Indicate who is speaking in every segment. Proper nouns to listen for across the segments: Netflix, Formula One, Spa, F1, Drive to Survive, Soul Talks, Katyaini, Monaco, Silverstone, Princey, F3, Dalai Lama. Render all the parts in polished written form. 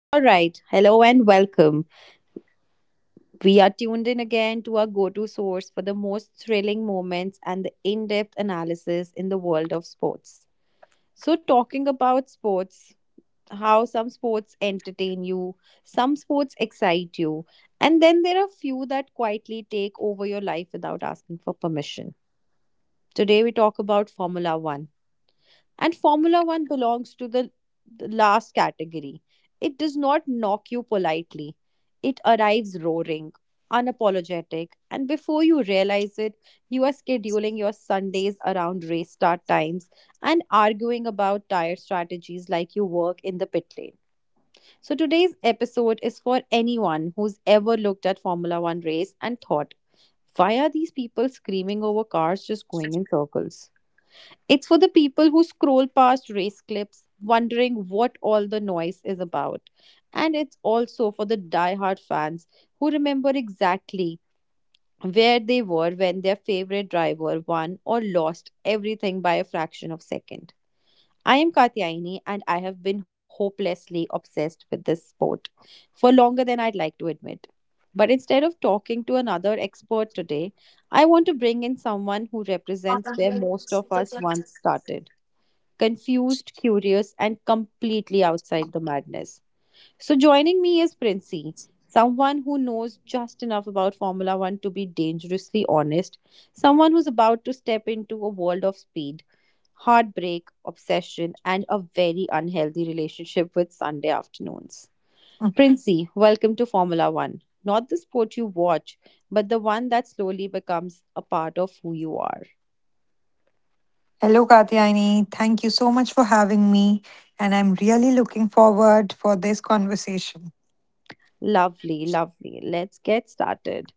Speaker 1: All right, hello and welcome. We are tuned in again to our go to source for the most thrilling moments and the in depth analysis in the world of sports. So, talking about sports, how some sports entertain you, some sports excite you, and then there are few that quietly take over your life without asking for permission. Today, we talk about Formula One. And Formula One belongs to the last category. It does not knock you politely, it arrives roaring, unapologetic, and before you realize it, you are scheduling your Sundays around race start times and arguing about tire strategies like you work in the pit lane. So today's episode is for anyone who's ever looked at Formula 1 race and thought, why are these people screaming over cars just going in circles? It's for the people who scroll past race clips, wondering what all the noise is about. And it's also for the diehard fans who remember exactly where they were when their favorite driver won or lost everything by a fraction of a second. I am Katyaini and I have been hopelessly obsessed with this sport for longer than I'd like to admit. But instead of talking to another expert today, I want to bring in someone who represents where most of us once started confused, curious, and completely outside the madness. So, joining me is Princey, someone who knows just enough about Formula One to be dangerously honest, someone who's about to step into a world of speed, heartbreak, obsession, and a very unhealthy relationship with Sunday afternoons. Princey, welcome to Formula One. Not the sport you watch, but the one that slowly becomes a part of who you are.
Speaker 2: Hello, Katyaini. Thank you so much for having me, and I'm really looking forward for this conversation.
Speaker 1: Lovely, lovely. Let's get started.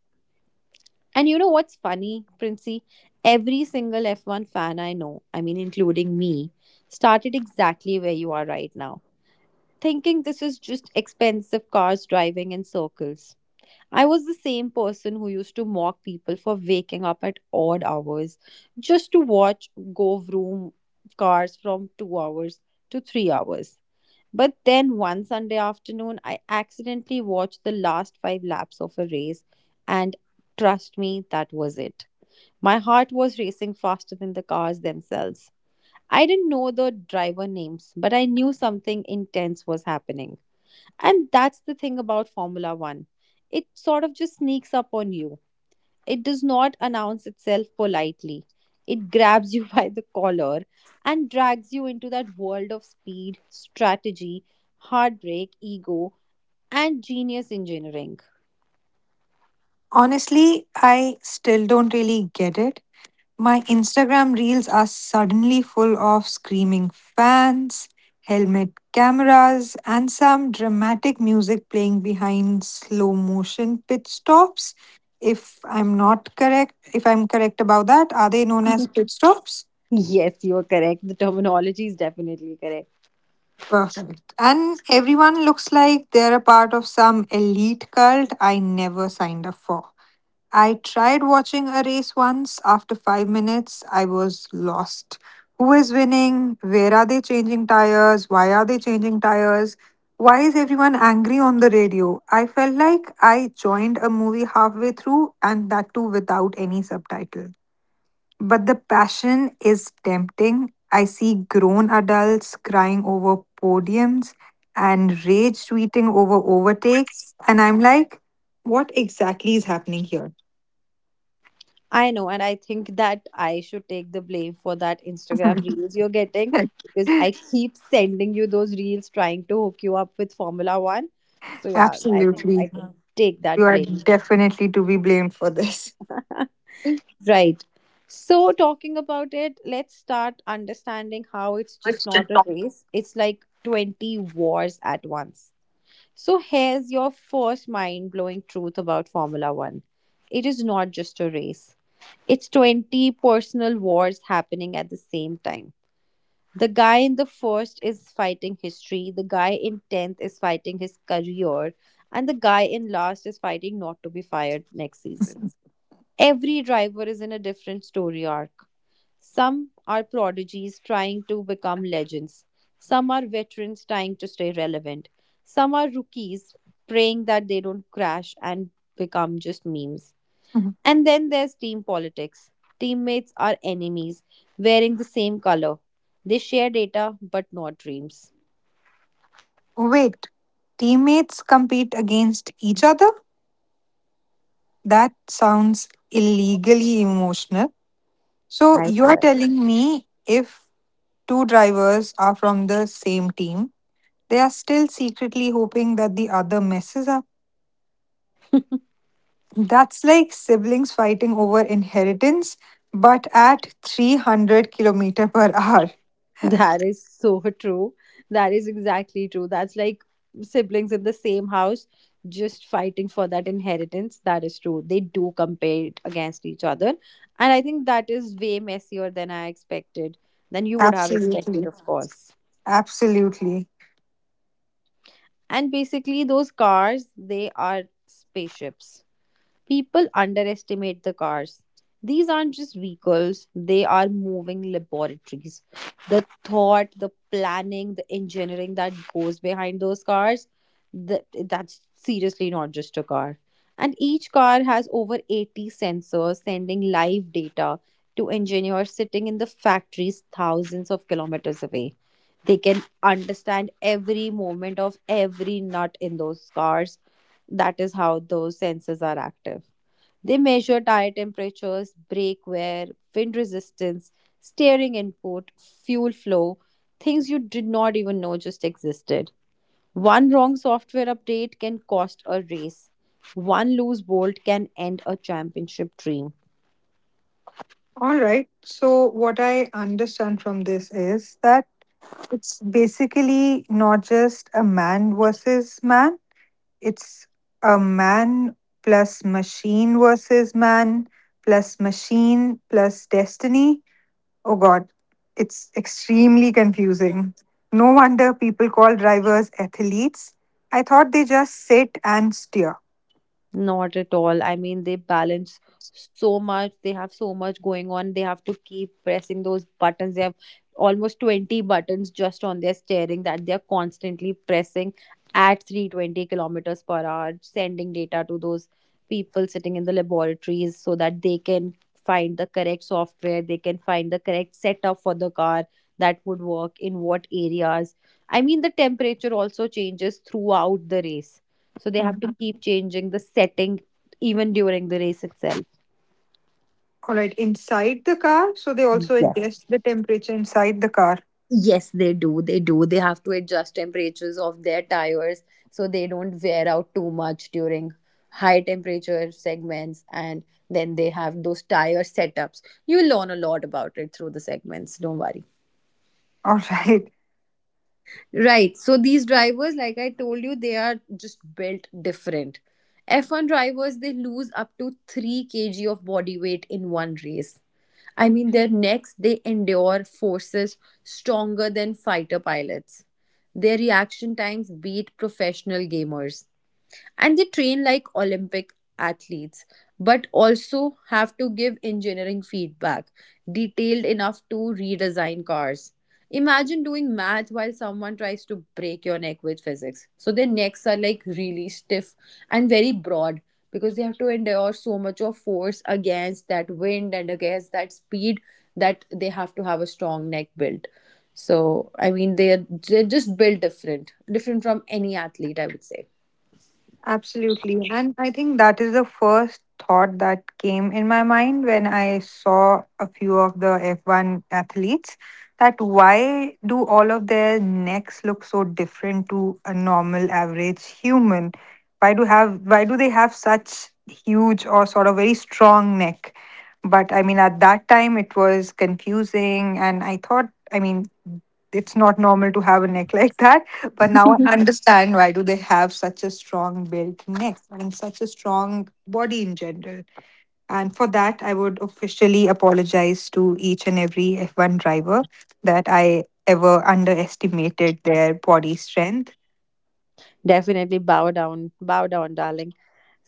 Speaker 1: And you know what's funny, Princey? Every single F1 fan I know, I mean, including me, started exactly where you are right now, thinking this is just expensive cars driving in circles. I was the same person who used to mock people for waking up at odd hours just to watch go vroom cars from 2 hours to 3 hours. But then one Sunday afternoon, I accidentally watched the last five laps of a race, and trust me, that was it. My heart was racing faster than the cars themselves. I didn't know the driver names, but I knew something intense was happening. And that's the thing about Formula One. It sort of just sneaks up on you. It does not announce itself politely. It grabs you by the collar and drags you into that world of speed, strategy, heartbreak, ego, and genius engineering.
Speaker 2: Honestly, I still don't really get it. My Instagram reels are suddenly full of screaming fans, helmet cameras, and some dramatic music playing behind slow motion pit stops. If if I'm correct about that, are they known as pit stops?
Speaker 1: Yes, you are correct. The terminology is definitely correct.
Speaker 2: Perfect. And everyone looks like they're a part of some elite cult I never signed up for. I tried watching a race once. After 5 minutes, I was lost. Who is winning? Where are they changing tires? Why are they changing tires? Why is everyone angry on the radio? I felt like I joined a movie halfway through and that too without any subtitle. But the passion is tempting. I see grown adults crying over podiums and rage tweeting over overtakes. And I'm like, what exactly is happening here?
Speaker 1: I know, and I think that I should take the blame for that Instagram reels you're getting because I keep sending you those reels trying to hook you up with Formula One. So yeah, I think I
Speaker 2: Absolutely.
Speaker 1: can take
Speaker 2: You
Speaker 1: that
Speaker 2: are
Speaker 1: blame.
Speaker 2: definitely to be blamed for this.
Speaker 1: Right. So talking about it, let's start understanding how it's just
Speaker 2: It's just
Speaker 1: not a race. It's like 20 wars at once. So here's your first mind blowing truth about Formula One, it is not just a race, it's 20 personal wars happening at the same time. The guy in the first is fighting history, the guy in 10th is fighting his career, and the guy in last is fighting not to be fired next season. Every driver is in a different story arc. Some are prodigies trying to become legends. Some are veterans trying to stay relevant. Some are rookies praying that they don't crash and become just memes.
Speaker 2: Mhm.
Speaker 1: And then there's team politics. Teammates are enemies, wearing the same color. They share data but not dreams.
Speaker 2: Wait, teammates compete against each other? That sounds illegally emotional. So
Speaker 1: I
Speaker 2: you are
Speaker 1: swear.
Speaker 2: telling me if two drivers are from the same team, they are still secretly hoping that the other messes up. That's like siblings fighting over inheritance, but at 300 kilometer per hour.
Speaker 1: That is so true. That is exactly true. That's like siblings in the same house just fighting for that inheritance. That is true. They do compare it against each other. And I think that is way messier than I expected, than you would have expected,
Speaker 2: Absolutely.
Speaker 1: of course.
Speaker 2: Absolutely.
Speaker 1: And basically, those cars, they are spaceships. People underestimate the cars. These aren't just vehicles, they are moving laboratories. The thought, the planning, the engineering that goes behind those cars, that's seriously not just a car. And each car has over 80 sensors sending live data to engineers sitting in the factories thousands of kilometers away. They can understand every moment of every nut in those cars. That is how those sensors are active. They measure tire temperatures, brake wear, wind resistance, steering input, fuel flow, things you did not even know just existed. One wrong software update can cost a race. One loose bolt can end a championship dream.
Speaker 2: All right. So, what I understand from this is that it's basically not just a man versus man, it's a man plus machine versus man plus machine plus destiny. Oh God, it's extremely confusing. No wonder people call drivers athletes. I thought they just sit and steer.
Speaker 1: Not at all. I mean, they balance so much. They have so much going on. They have to keep pressing those buttons. They have almost 20 buttons just on their steering that they are constantly pressing at 320 kilometers per hour, sending data to those people sitting in the laboratories so that they can find the correct software, they can find the correct setup for the car that would work in what areas. I mean, the temperature also changes throughout the race. So they have
Speaker 2: Mhm.
Speaker 1: to keep changing the setting even during the race itself.
Speaker 2: All right, inside the car, so they also
Speaker 1: Yes.
Speaker 2: adjust the temperature inside the car.
Speaker 1: Yes, they do. They do. They have to adjust temperatures of their tires so they don't wear out too much during high temperature segments. And then they have those tire setups. You'll learn a lot about it through the segments. Don't worry.
Speaker 2: All right.
Speaker 1: Right. So these drivers, like I told you, they are just built different. F1 drivers, they lose up to 3 kg of body weight in one race. I mean, their necks, they endure forces stronger than fighter pilots. Their reaction times beat professional gamers and they train like Olympic athletes, but also have to give engineering feedback detailed enough to redesign cars. Imagine doing math while someone tries to break your neck with physics. So their necks are like really stiff and very broad because they have to endure so much of force against that wind and against that speed that they have to have a strong neck built. So I mean they're just built different, different from any athlete, I would say.
Speaker 2: Absolutely. And I think that is the first thought that came in my mind when I saw a few of the F1 athletes, that why do all of their necks look so different to a normal average human? Why do they have such huge or sort of very strong neck? But I mean at that time it was confusing and I thought, I mean, it's not normal to have a neck like that, but now I understand why do they have such a strong built neck and such a strong body in general. And for that, I would officially apologize to each and every F1 driver that I ever underestimated their body strength.
Speaker 1: Definitely bow down, darling.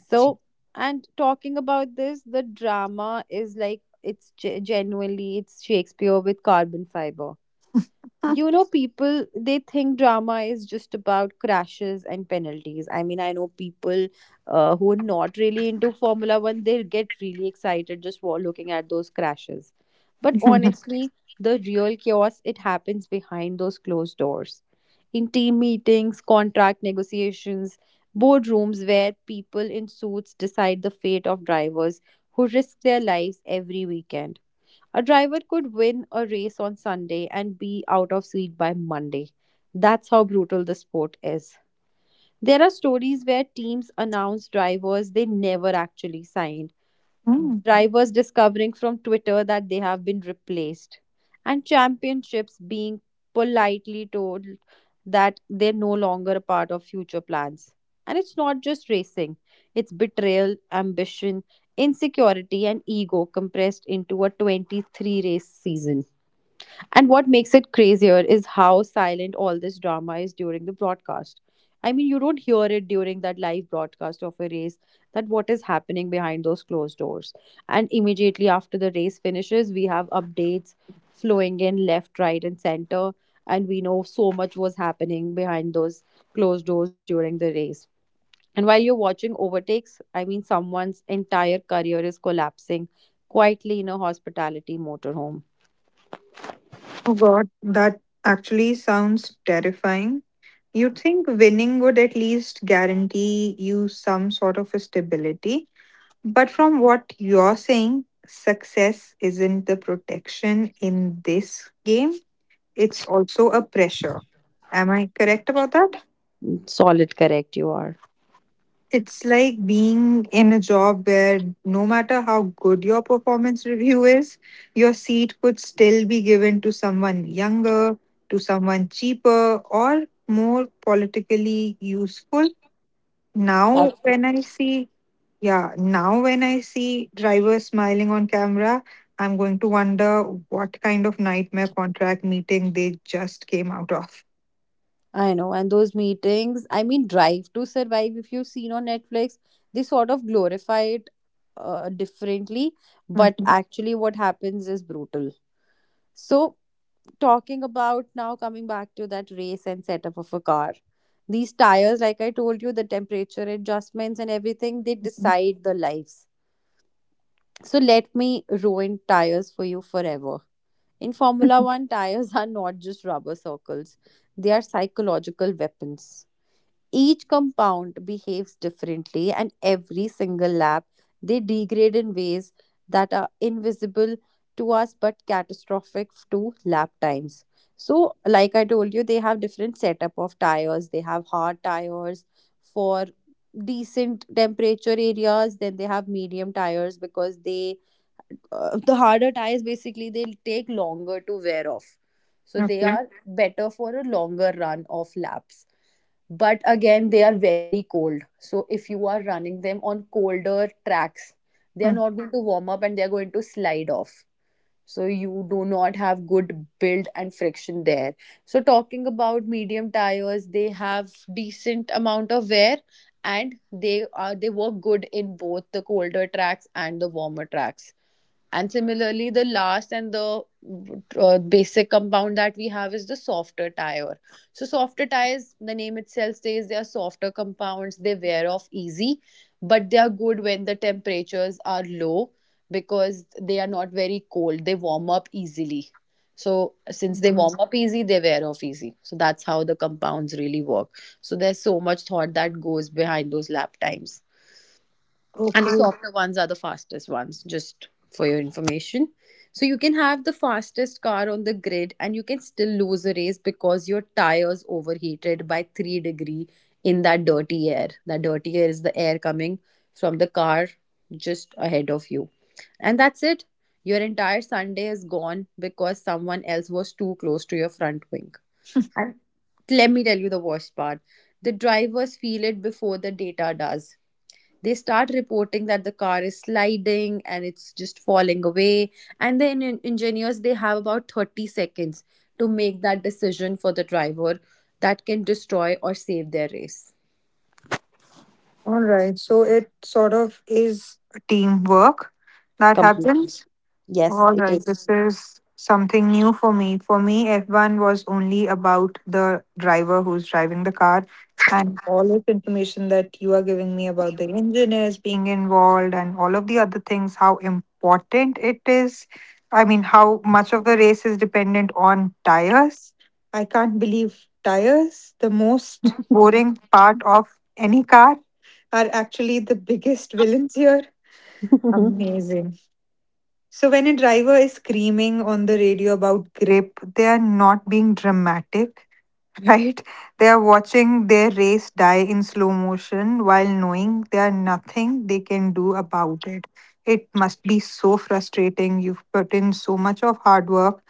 Speaker 1: So, and talking about this, the drama is like it's genuinely it's Shakespeare with carbon fiber. You know, people they think drama is just about crashes and penalties. I mean, I know people who are not really into Formula One, they get really excited just while looking at those crashes. But honestly, the real chaos it happens behind those closed doors, in team meetings, contract negotiations, boardrooms where people in suits decide the fate of drivers who risk their lives every weekend. A driver could win a race on Sunday and be out of seat by Monday. That's how brutal the sport is. There are stories where teams announce drivers they never actually signed,
Speaker 2: Hmm.
Speaker 1: drivers discovering from Twitter that they have been replaced, and championships being politely told that they're no longer a part of future plans. And it's not just racing, it's betrayal, ambition, insecurity, and ego compressed into a 23 race season. And what makes it crazier is how silent all this drama is during the broadcast. I mean, you don't hear it during that live broadcast of a race that what is happening behind those closed doors. And immediately after the race finishes, we have updates flowing in left, right, and center. And we know so much was happening behind those closed doors during the race. And while you're watching overtakes, I mean, someone's entire career is collapsing quietly in a hospitality motorhome.
Speaker 2: Oh God, that actually sounds terrifying. You'd think winning would at least guarantee you some sort of a stability, but from what you're saying, success isn't the protection in this game, it's also a pressure. Am I correct about that?
Speaker 1: Solid, correct, you are.
Speaker 2: It's like being in a job where no matter how good your performance review is, your seat could still be given to someone younger, to someone cheaper, or more politically useful. Now,
Speaker 1: That-
Speaker 2: when I see Yeah, now when I see drivers smiling on camera, I'm going to wonder what kind of nightmare contract meeting they just came out of.
Speaker 1: I know. And those meetings, I mean, Drive to Survive, if you've seen on Netflix, they sort of glorify it differently, but
Speaker 2: Mhm,
Speaker 1: actually, what happens is brutal. So, talking about now coming back to that race and setup of a car, these tires, like I told you, the temperature adjustments and everything, they
Speaker 2: mhm.
Speaker 1: decide the lives. So, let me ruin tires for you forever. In Formula One, tires are not just rubber circles, they are psychological weapons. Each compound behaves differently, and every single lab they degrade in ways that are invisible to us but catastrophic to lap times. So, like I told you, they have different setup of tires. They have hard tires for decent temperature areas. Then they have medium tires because they the harder tires basically they'll take longer to wear off. So they
Speaker 2: Okay.
Speaker 1: are better for a longer run of laps. But again, they are very cold, so if you are running them on colder tracks, they are
Speaker 2: Mm.
Speaker 1: not going to warm up, and they are going to slide off, so you do not have good build and friction there. So, talking about medium tires, they have decent amount of wear, and they work good in both the colder tracks and the warmer tracks. And similarly, the last and the basic compound that we have is the softer tire. So softer tires, the name itself says they are softer compounds, they wear off easy. But they are good when the temperatures are low because they are not very cold, they warm up easily. So since they warm up easy, they wear off easy. So that's how the compounds really work. So there's so much thought that goes behind those lap times. And
Speaker 2: Okay.
Speaker 1: softer ones are the fastest ones, just for your information. So you can have the fastest car on the grid and you can still lose a race because your tires overheated by 3 degree in that dirty air. That dirty air is the air coming from the car just ahead of you, and that's it. Your entire Sunday is gone because someone else was too close to your front wing. And let me tell you the worst part. The drivers feel it before the data does. They start reporting that the car is sliding and it's just falling away. And the engineers, they have about 30 seconds to make that decision for the driver that can destroy or save their race.
Speaker 2: All right. So it sort of is teamwork that
Speaker 1: Completely,
Speaker 2: happens.
Speaker 1: yes,
Speaker 2: All
Speaker 1: it
Speaker 2: right,
Speaker 1: is.
Speaker 2: this is something new for me. For me, F1 was only about the driver who's driving the car, and all this information that you are giving me about the engineers being involved and all of the other things, how important it is. I mean, how much of the race is dependent on tires. I can't believe tires, the most boring part of any car, are actually the biggest villains here. Amazing. So when a driver is screaming on the radio about grip, they are not being dramatic, right? They are watching their race die in slow motion while knowing there are nothing they can do about it. It must be so frustrating. You've put in so much of hard work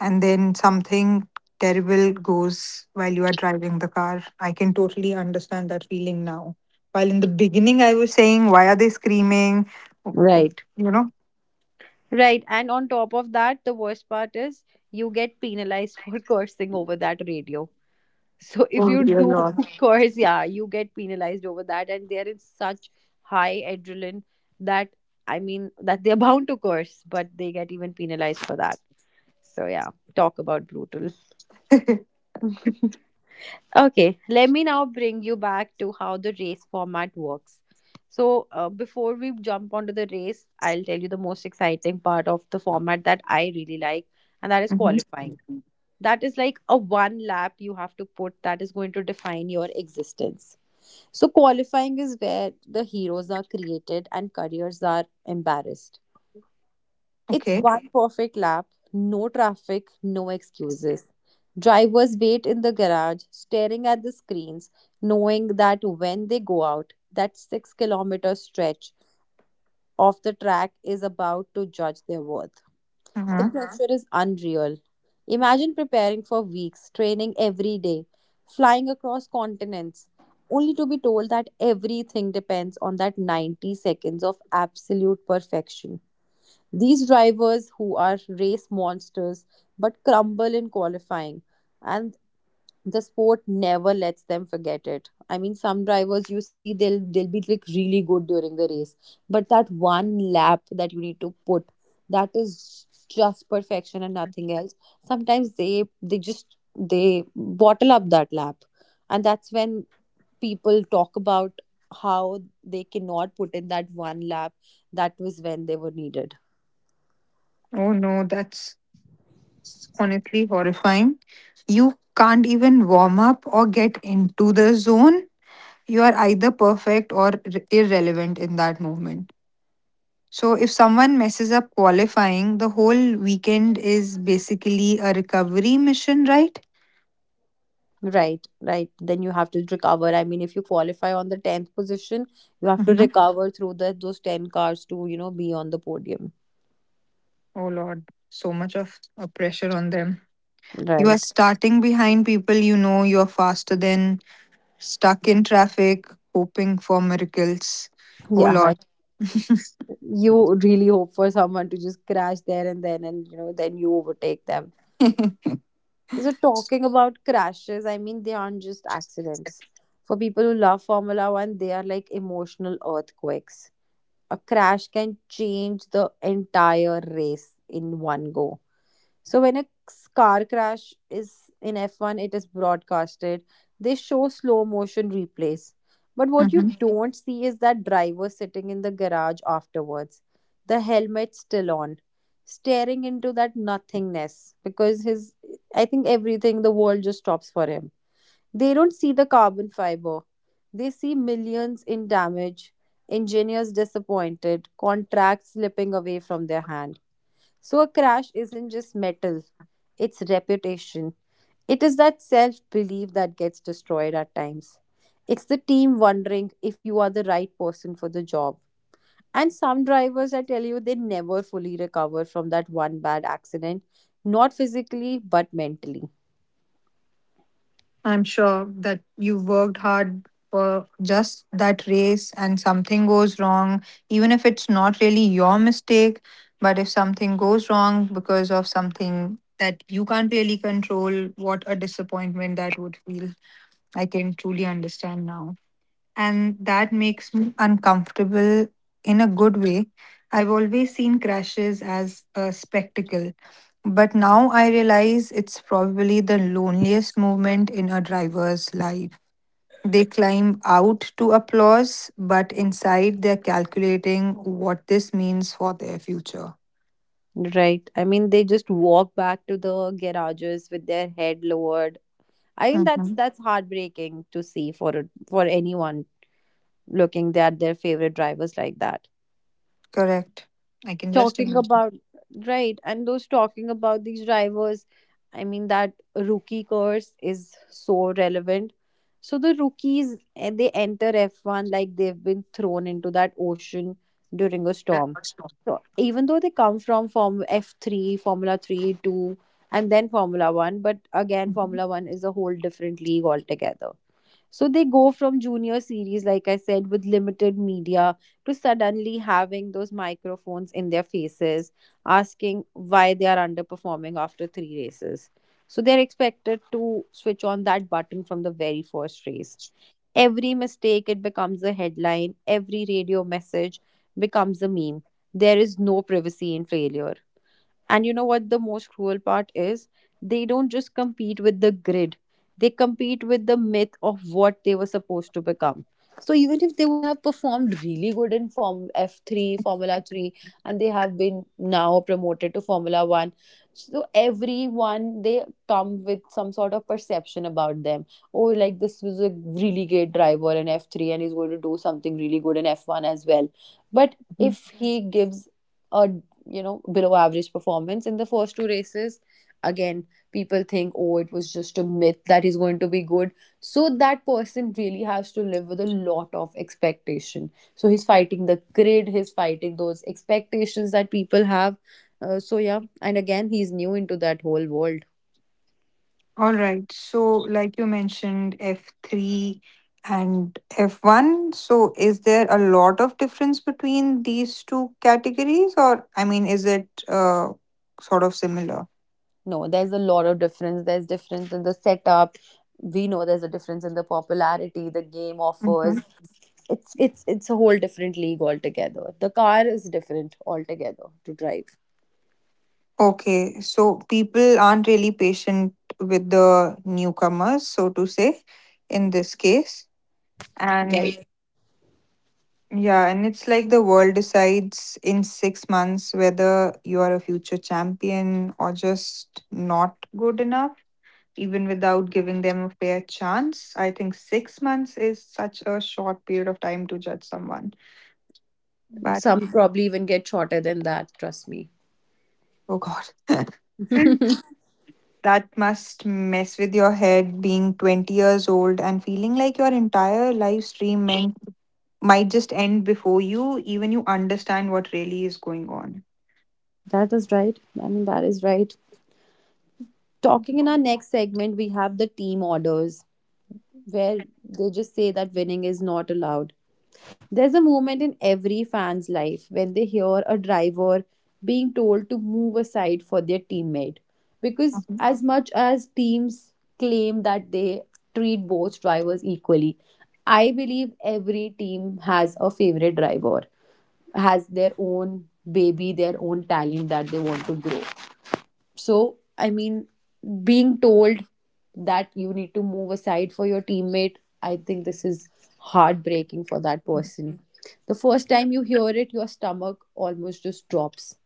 Speaker 2: and then something terrible goes while you are driving the car. I can totally understand that feeling now. While in the beginning I was saying, why are they screaming?
Speaker 1: Right,
Speaker 2: You know?
Speaker 1: right. And on top of that, the worst part is, you get penalized for cursing over that radio. So if
Speaker 2: Oh
Speaker 1: you
Speaker 2: dear
Speaker 1: do,
Speaker 2: Lord.
Speaker 1: of course, yeah, you get penalized over that, and there is such high adrenaline that, I mean, that they're bound to curse, but they get even penalized for that. So yeah, talk about brutal. Okay, let me now bring you back to how the race format works. So, before we jump onto the race, I'll tell you the most exciting part of the format that I really like, and that is
Speaker 2: Mhm.
Speaker 1: qualifying. That is like a one lap you have to put that is going to define your existence. So, qualifying is where the heroes are created and careers are embarrassed. It's
Speaker 2: Okay.
Speaker 1: one perfect lap, no traffic, no excuses. Drivers wait in the garage, staring at the screens, knowing that when they go out, that 6 kilometer stretch of the track is about to judge their worth. The,
Speaker 2: Uh-huh.
Speaker 1: uh-huh, pressure is unreal. Imagine preparing for weeks, training every day, flying across continents, only to be told that everything depends on that 90 seconds of absolute perfection. These drivers who are race monsters but crumble in qualifying, and the sport never lets them forget it. I mean, some drivers, you see, they'll be like really good during the race, but that one lap that you need to put, that is just perfection and nothing else. Sometimes they just they bottle up that lap, and that's when people talk about how they cannot put in that one lap that was when they were needed.
Speaker 2: Oh no, that's honestly horrifying. You can't even warm up or get into the zone. You are either perfect or irrelevant in that movement. So, if someone messes up qualifying, the whole weekend is basically a recovery mission, right?
Speaker 1: Right, right. Then you have to recover. I mean, if you qualify on the 10th position, you have to
Speaker 2: Hmm.
Speaker 1: recover through those 10 cars to, you know, be on the podium.
Speaker 2: Oh Lord, so much of a pressure on them. You are
Speaker 1: Right.
Speaker 2: starting behind people you know you are faster than, stuck in traffic, hoping for miracles. Oh
Speaker 1: Yeah.
Speaker 2: Lord.
Speaker 1: You really hope for someone to just crash there and then, and, then you overtake them. So, talking about crashes, I mean, they aren't just accidents. For people who love Formula One, they are like emotional earthquakes. A crash can change the entire race in one go. So when a car crash is in F1, it is broadcasted. They show slow motion replays. But what you
Speaker 2: Hmm.
Speaker 1: don't see is that driver sitting in the garage afterwards, the helmet still on, staring into that nothingness, because his, I think, everything, the world just stops for him. They don't see the carbon fiber. They see millions in damage, engineers disappointed, contracts slipping away from their hand. So, a crash isn't just metal, it's reputation. It is that self belief that gets destroyed at times. It's the team wondering if you are the right person for the job. And some drivers, I tell you, they never fully recover from that one bad accident, not physically, but mentally.
Speaker 2: I'm sure that you worked hard for just that race and something goes wrong, even if it's not really your mistake, but if something goes wrong because of something that you can't really control, what a disappointment that would feel. I can truly understand now. And that makes me uncomfortable in a good way. I've always seen crashes as a spectacle, but now I realize it's probably the loneliest moment in a driver's life. They climb out to applause, but inside they're calculating what this means for their future.
Speaker 1: Right. I mean, they just walk back to the garages with their head lowered. I think that's
Speaker 2: Mhm.
Speaker 1: that's heartbreaking to see for for anyone looking at their favorite drivers like that.
Speaker 2: Correct. I can just
Speaker 1: Talking
Speaker 2: imagine.
Speaker 1: about Right. and those Talking about these drivers, I mean, that rookie course is so relevant. So the rookies, they enter F1 like they've been thrown into that ocean during a
Speaker 2: That
Speaker 1: storm.
Speaker 2: much more.
Speaker 1: So even though they come from form F3, formula 3, 2, and then formula 1, but again,
Speaker 2: Mhm.
Speaker 1: formula 1 is a whole different league altogether. So they go from junior series, like I said, with limited media, to suddenly having those microphones in their faces, asking why they are underperforming after three races. So they're expected to switch on that button from the very first race. Every mistake, it becomes a headline. Every radio message becomes a meme. There is no privacy in failure. And you know what the most cruel part is? They don't just compete with the grid, they compete with the myth of what they were supposed to become. So even if they would have performed really good in Form F3, Formula 3, and they have been now promoted to Formula 1, so everyone, they come with some sort of perception about them. Oh, like, this was a really great driver in F3 and he's going to do something really good in F1 as well. But if he gives a below average performance in the first two races, again people think, oh, it was just a myth that he's going to be good. So that person really has to live with a lot of expectation. So he's fighting the grid, he's fighting those expectations that people have. So yeah, and again, he's new into that whole world.
Speaker 2: All right. So, like you mentioned, F3 and F1. So, is there a lot of difference between these two categories, or I mean, is it sort of similar?
Speaker 1: No, there's a lot of difference. There's difference in the setup, we know. There's a difference in the popularity the game
Speaker 2: Hmm.
Speaker 1: offers. It's a whole different league altogether. The car is different altogether to drive.
Speaker 2: Okay. So, people aren't really patient with the newcomers, so to say, in this case. And
Speaker 1: Guys,
Speaker 2: yeah, and it's like the world decides in 6 months whether you are a future champion or just not good enough. Even without giving them a fair chance. I think 6 months is such a short period of time to judge someone. But
Speaker 1: some probably even get shorter than that. Trust me.
Speaker 2: oh god, that must mess with your head being 20 years old and feeling like your entire live stream meant might just end before you understand what really is going on.
Speaker 1: That is right. I mean, that is right. Talking in our next segment, we have the team orders, where they just say that winning is not allowed. There's a moment in every fan's life when they hear a driver being told to move aside for their teammate. Because,
Speaker 2: Mhm.
Speaker 1: as much as teams claim that they treat both drivers equally, I believe every team has a favorite driver, has their own baby, their own talent that they want to grow. So, I mean, being told that you need to move aside for your teammate, I think this is heartbreaking for that person. The first time you hear it, your stomach almost just drops.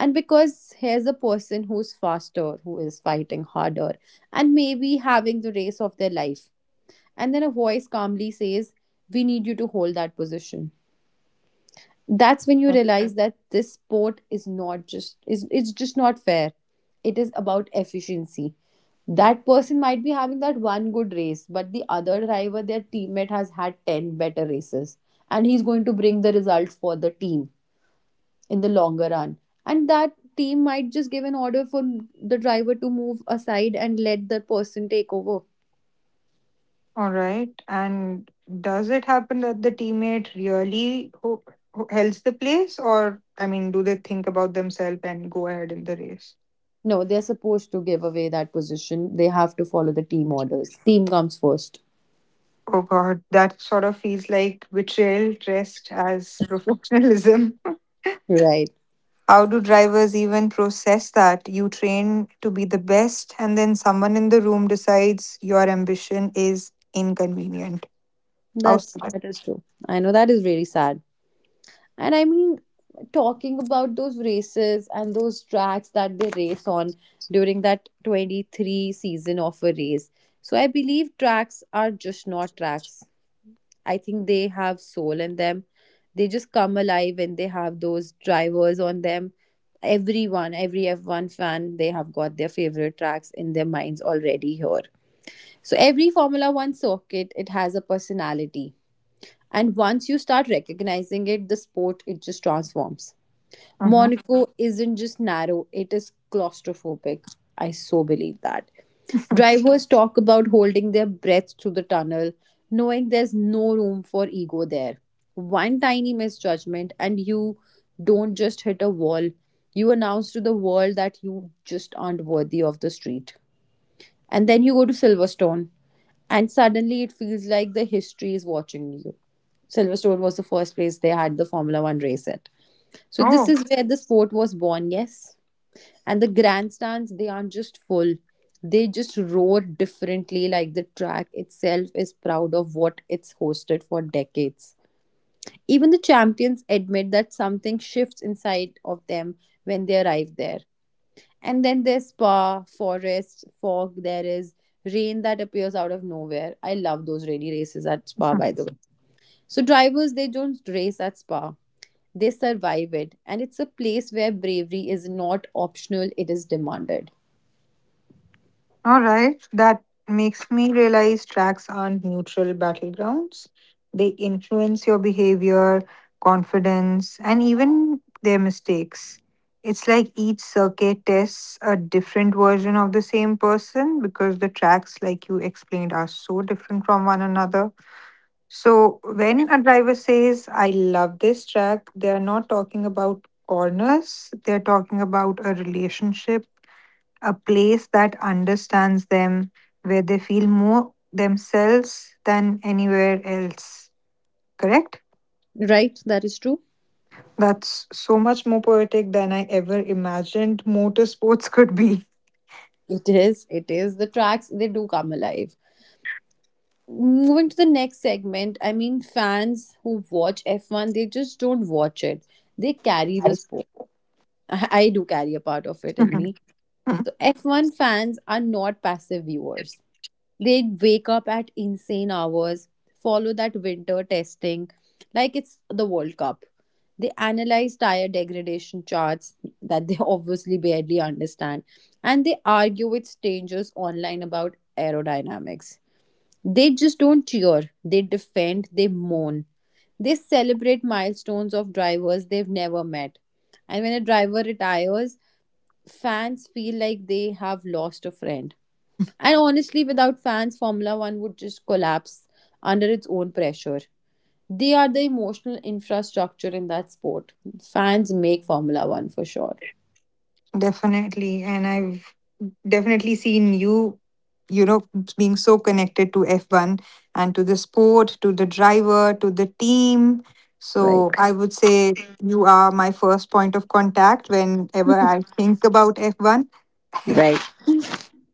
Speaker 1: And because here's a person who's faster, who is fighting harder, and maybe having the race of their life. And then a voice calmly says, we need you to hold that position. That's when you realize that this sport is not just, is it's just not fair, it is about efficiency. That person might be having that one good race, but the other driver, their teammate, has had 10 better races, and he's going to bring the result for the team in the longer run. And that team might just give an order for the driver to move aside and let the person take over.
Speaker 2: All right. And does it happen that the teammate really helps the place, or I mean, do they think about themselves and go ahead in the race?
Speaker 1: No, they're supposed to give away that position. They have to follow the team orders. Team comes first.
Speaker 2: Oh God, that sort of feels like betrayal dressed as professionalism.
Speaker 1: Right.
Speaker 2: How do drivers even process that? You train to be the best, and then someone in the room decides your ambition is inconvenient. How
Speaker 1: That's
Speaker 2: sad.
Speaker 1: that is true. I know that is very sad. And, I mean, talking about those races and those tracks that they race on during that 23 season of a race. So I believe tracks are just not tracks. I think they have soul in them. They just come alive when they have those drivers on them. Everyone, every F1 fan, they have got their favorite tracks in their minds already here. So every Formula One circuit, it has a personality, and once you start recognizing it, the sport, it just transforms.
Speaker 2: Mhm.
Speaker 1: Monaco isn't just narrow, it is claustrophobic. I so believe that. Drivers talk about holding their breath through the tunnel, knowing there's no room for ego there. One tiny misjudgment, and you don't just hit a wall, you announce to the world that you just aren't worthy of the street. And then you go to Silverstone, and suddenly it feels like the history is watching you. Silverstone was the first place they had the Formula One race at. So this
Speaker 2: Oh.
Speaker 1: is where the sport was born, yes. And the grandstands, they aren't just full. They just roar differently, like the track itself is proud of what it's hosted for decades. Even the champions admit that something shifts inside of them when they arrive there. And then there's Spa, forest, fog, there is rain that appears out of nowhere. I love those rainy races at Spa, by the way. So, drivers, they don't race at Spa, they survive it. And it's a place where bravery is not optional, it is demanded.
Speaker 2: All right, that makes me realize tracks aren't neutral battlegrounds. They influence your behavior, confidence, and even their mistakes. It's like each circuit tests a different version of the same person because the tracks, like you explained, are so different from one another. So when a driver says, I love this track, they're not talking about corners, they're talking about a relationship, a place that understands them, where they feel more themselves than anywhere else. Correct?
Speaker 1: Right? That is true.
Speaker 2: That's so much more poetic than I ever imagined motorsports could be.
Speaker 1: It is. It is. The tracks, they do come alive. Moving to the next segment, I mean, fans who watch F1, they just don't watch it, they carry the
Speaker 2: Nice.
Speaker 1: sport. I do carry a part of it in me. So F1 fans are not passive viewers. They wake up at insane hours, follow that winter testing like it's the World Cup. They analyze tire degradation charts that they obviously barely understand, and they argue with strangers online about aerodynamics. They just don't cheer, they defend, they moan. They celebrate milestones of drivers they've never met. And when a driver retires, fans feel like they have lost a friend. And honestly, without fans, Formula One would just collapse under its own pressure. They are the emotional infrastructure in that sport. Fans make Formula One for sure,
Speaker 2: Definitely. And I've definitely seen you, you know, being so connected to F1 and to the sport, to the driver, to the team.
Speaker 1: right?
Speaker 2: So I would say you are my first point of contact whenever I think about F1.
Speaker 1: Right.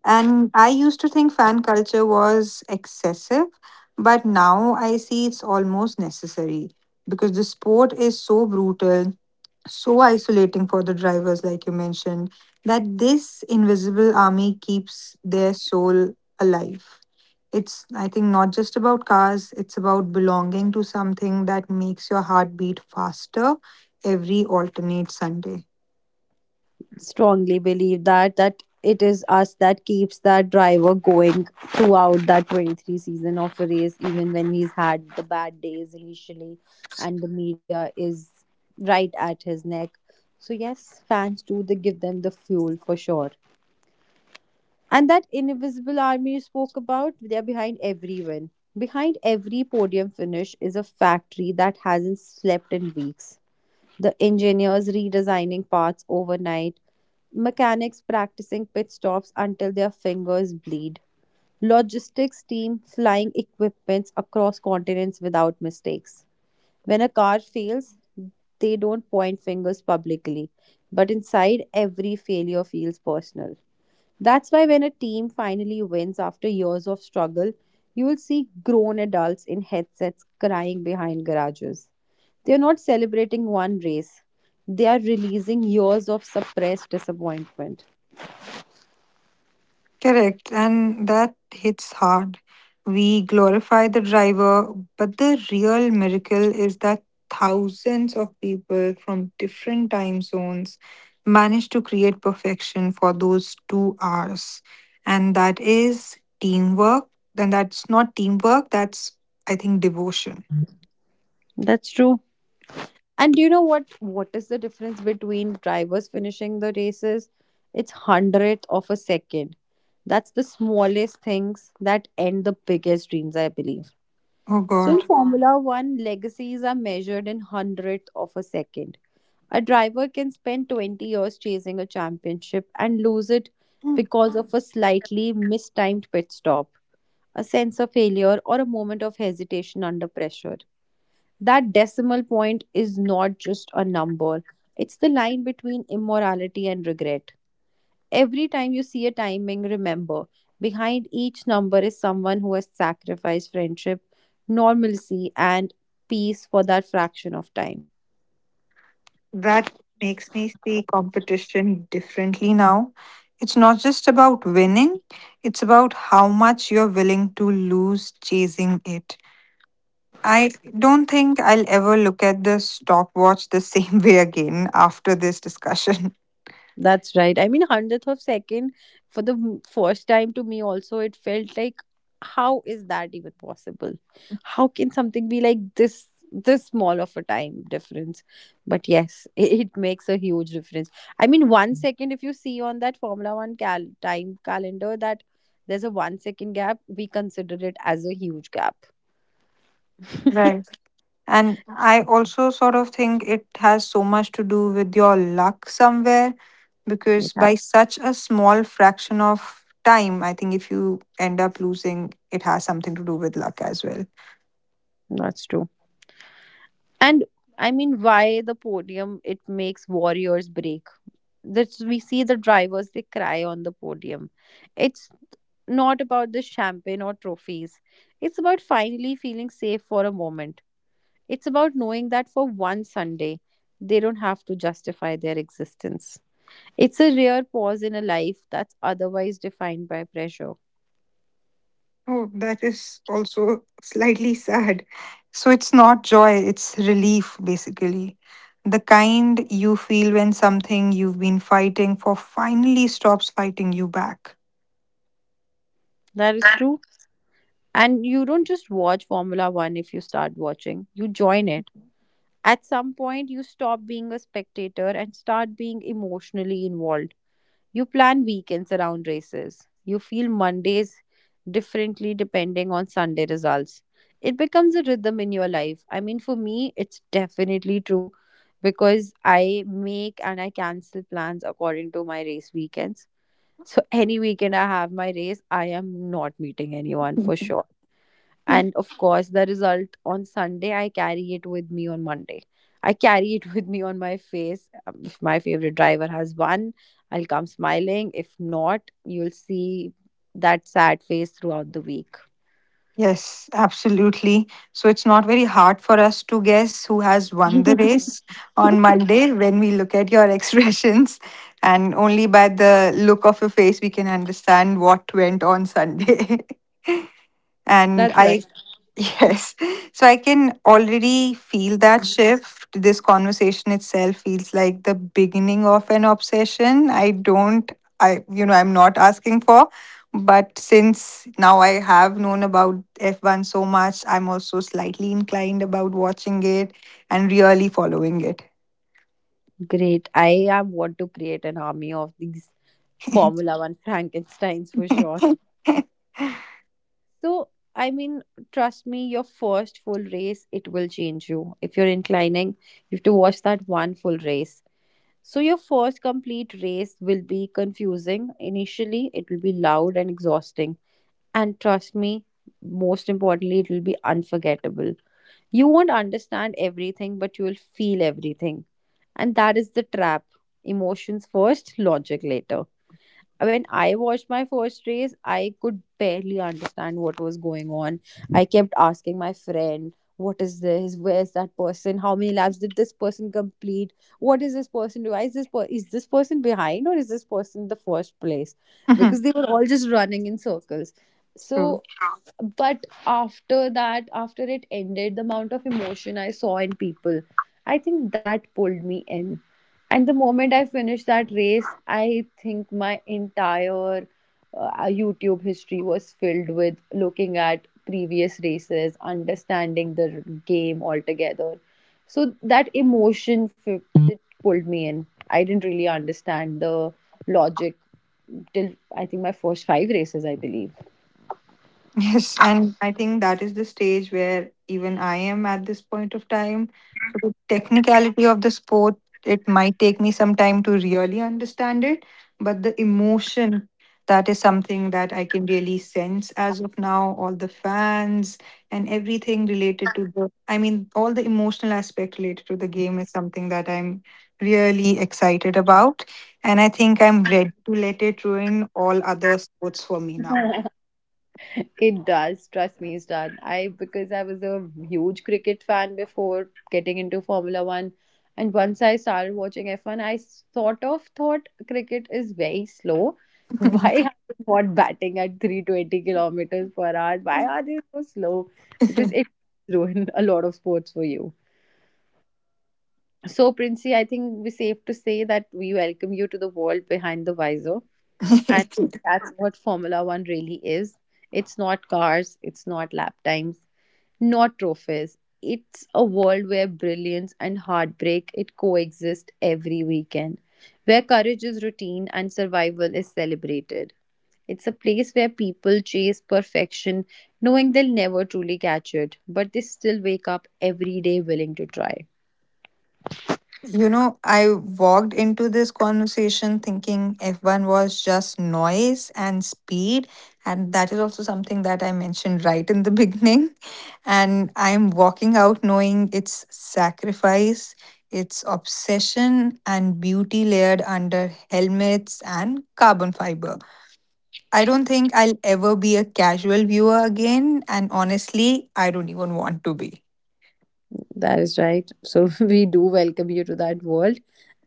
Speaker 2: And I used to think fan culture was excessive, but now I see it's almost necessary because the sport is so brutal, so isolating for the drivers, like you mentioned, that this invisible army keeps their soul alive. It's, I think, not just about cars, it's about belonging to something that makes your heart beat faster every alternate Sunday.
Speaker 1: Strongly believe that it is us that keeps that driver going throughout that 23 season of a race, even when he's had the bad days initially and the media is right at his neck. So yes, fans do, they give them the fuel for sure. And that invisible army you spoke about, they're behind every win. Behind every podium finish is a factory that hasn't slept in weeks. The engineers redesigning parts overnight, mechanics practicing pit stops until their fingers bleed, logistics team flying equipments across continents without mistakes. When a car fails, they don't point fingers publicly, but inside every failure feels personal. That's why when a team finally wins after years of struggle, you will see grown adults in headsets crying behind garages. They are not celebrating one race, they are releasing years of suppressed disappointment.
Speaker 2: Correct, and that hits hard. We glorify the driver, but the real miracle is that thousands of people from different time zones manage to create perfection for those 2 hours. And that is teamwork. Then That's not teamwork, that's, I think, devotion.
Speaker 1: That's true. And do you know what? What is the difference between drivers finishing the races? It's hundredth of a second. That's the smallest things that end the biggest dreams, I believe.
Speaker 2: Oh,
Speaker 1: So in
Speaker 2: God.
Speaker 1: Formula One, legacies are measured in hundredth of a second. A driver can spend 20 years chasing a championship and lose it because of a slightly mistimed pit stop, a sense of failure, or a moment of hesitation under pressure. That decimal point is not just a number, it's the line between immorality and regret. Every time you see a timing, remember behind each number is someone who has sacrificed friendship, normalcy, and peace for that fraction of time.
Speaker 2: That makes me see competition differently now. It's not just about winning, it's about how much you're willing to lose chasing it. I don't think I'll ever look at the stopwatch the same way again after this discussion.
Speaker 1: That's right. I mean, hundredth of second for the first time to me also it felt like how is that even possible? How can something be like this small of a time difference? But yes, it makes a huge difference. I mean, 1 second if you see on that Formula One time calendar that there's a 1 second gap, we consider it as a huge gap.
Speaker 2: Right. And I also sort of think it has so much to do with your luck somewhere because by
Speaker 1: Yeah,
Speaker 2: such a small fraction of time, I think if you end up losing, it has something to do with luck as well.
Speaker 1: that's true. And I mean, why the podium? It makes warriors break. That we see the drivers, they cry on the podium. It's not about the champagne or trophies. It's about finally feeling safe for a moment. It's about knowing that for one Sunday they don't have to justify their existence. It's a rare pause in a life that's otherwise defined by pressure.
Speaker 2: Oh, that is also slightly sad. So it's not joy, it's relief, basically. The kind you feel when something you've been fighting for finally stops fighting you back.
Speaker 1: That is true. And you don't just watch Formula 1. If you start watching, you join it. At some point you stop being a spectator and start being emotionally involved. You plan weekends around races. You feel Mondays differently depending on Sunday results. It becomes a rhythm in your life. I mean, for me, it's definitely true because I make and I cancel plans according to my race weekends. So, any weekend I have my race, I am not meeting anyone for sure.
Speaker 2: Hmm.
Speaker 1: And of course, the result on Sunday, I carry it with me on Monday. I carry it with me on my face. If my favorite driver has won, I'll come smiling. If not, you'll see that sad face throughout the week.
Speaker 2: Yes, absolutely. So it's not very hard for us to guess who has won the race on Monday when we look at your expressions. And only by the look of your face, we can understand what went on Sunday. And
Speaker 1: That's right.
Speaker 2: I Yes. So I can already feel that shift. This conversation itself feels like the beginning of an obsession. I, you know, I'm not asking for. But since now I have known about F1 so much, I'm also slightly inclined about watching it and really following it.
Speaker 1: Great. I am want to create an army of these Formula One Frankensteins for sure. So, I mean, trust me, your first full race, it will change you. If you're inclining, you have to watch that one full race. So, your first complete race will be confusing. Initially, it will be loud and exhausting. And trust me, most importantly, it will be unforgettable. You won't understand everything, but you will feel everything. And that is the trap, emotions first, logic later. When I watched my first race, I could barely understand what was going on. I kept asking my friend, what is this? Where's that person? How many laps did this person complete? What is this person do? Why is this is this person behind or is this person in the first place? Because they were all just running in circles.
Speaker 2: True.
Speaker 1: So but after that, after it ended, the amount of emotion I saw in people, I think that pulled me in. And the moment I finished that race, I think my entire YouTube history was filled with looking at previous races, understanding the game altogether. So that emotion it pulled me in. I didn't really understand the logic till I think my first five races, I believe.
Speaker 2: Yes, and I think that is the stage where even I am at this point of time. So the technicality of the sport, it might take me some time to really understand it, but the emotion, that is something that I can really sense as of now. All the fans and everything related to the, I mean, all the emotional aspect related to the game is something that I'm really excited about. And I think I'm ready to let it ruin all other sports for me now.
Speaker 1: It does, trust me, it's done. I because I was a huge cricket fan before getting into Formula One, and once I started watching F1, I sort of thought cricket is very slow. Why are they not batting at 320 kilometers per hour? Why are they so slow? Because it ruined a lot of sports for you. So, Princey, I think we're safe to say that we welcome you to the world behind the visor. And that's what Formula One really is. It's not cars, it's not lap times, not trophies. It's a world where brilliance and heartbreak it coexist every weekend, where courage is routine and survival is celebrated. It's a place where people chase perfection, knowing they'll never truly catch it, but they still wake up every day willing to try.
Speaker 2: You know, I walked into this conversation thinking F1 was just noise and speed. And that is also something that I mentioned right in the beginning. And I'm walking out knowing it's sacrifice, it's obsession, and beauty layered under helmets and carbon fiber. I don't think I'll ever be a casual viewer again. And honestly, I don't even want to be.
Speaker 1: That is right. So we do welcome you to that world.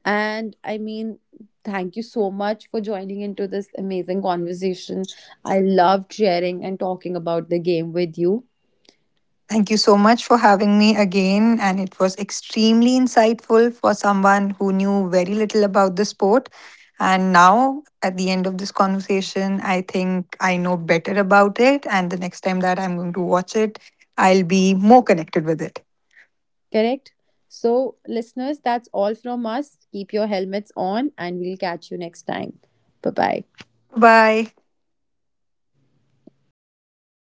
Speaker 1: And I mean, thank you so much for joining into this amazing conversation. I loved sharing and talking about the game with you.
Speaker 2: Thank you so much for having me again. And it was extremely insightful for someone who knew very little about the sport. And now, at the end of this conversation, I think I know better about it. And the next time that I'm going to watch it, I'll be more connected with it.
Speaker 1: Correct? So, listeners, that's all from us. Keep your helmets on, and we'll catch you next time. Bye bye.
Speaker 2: Bye.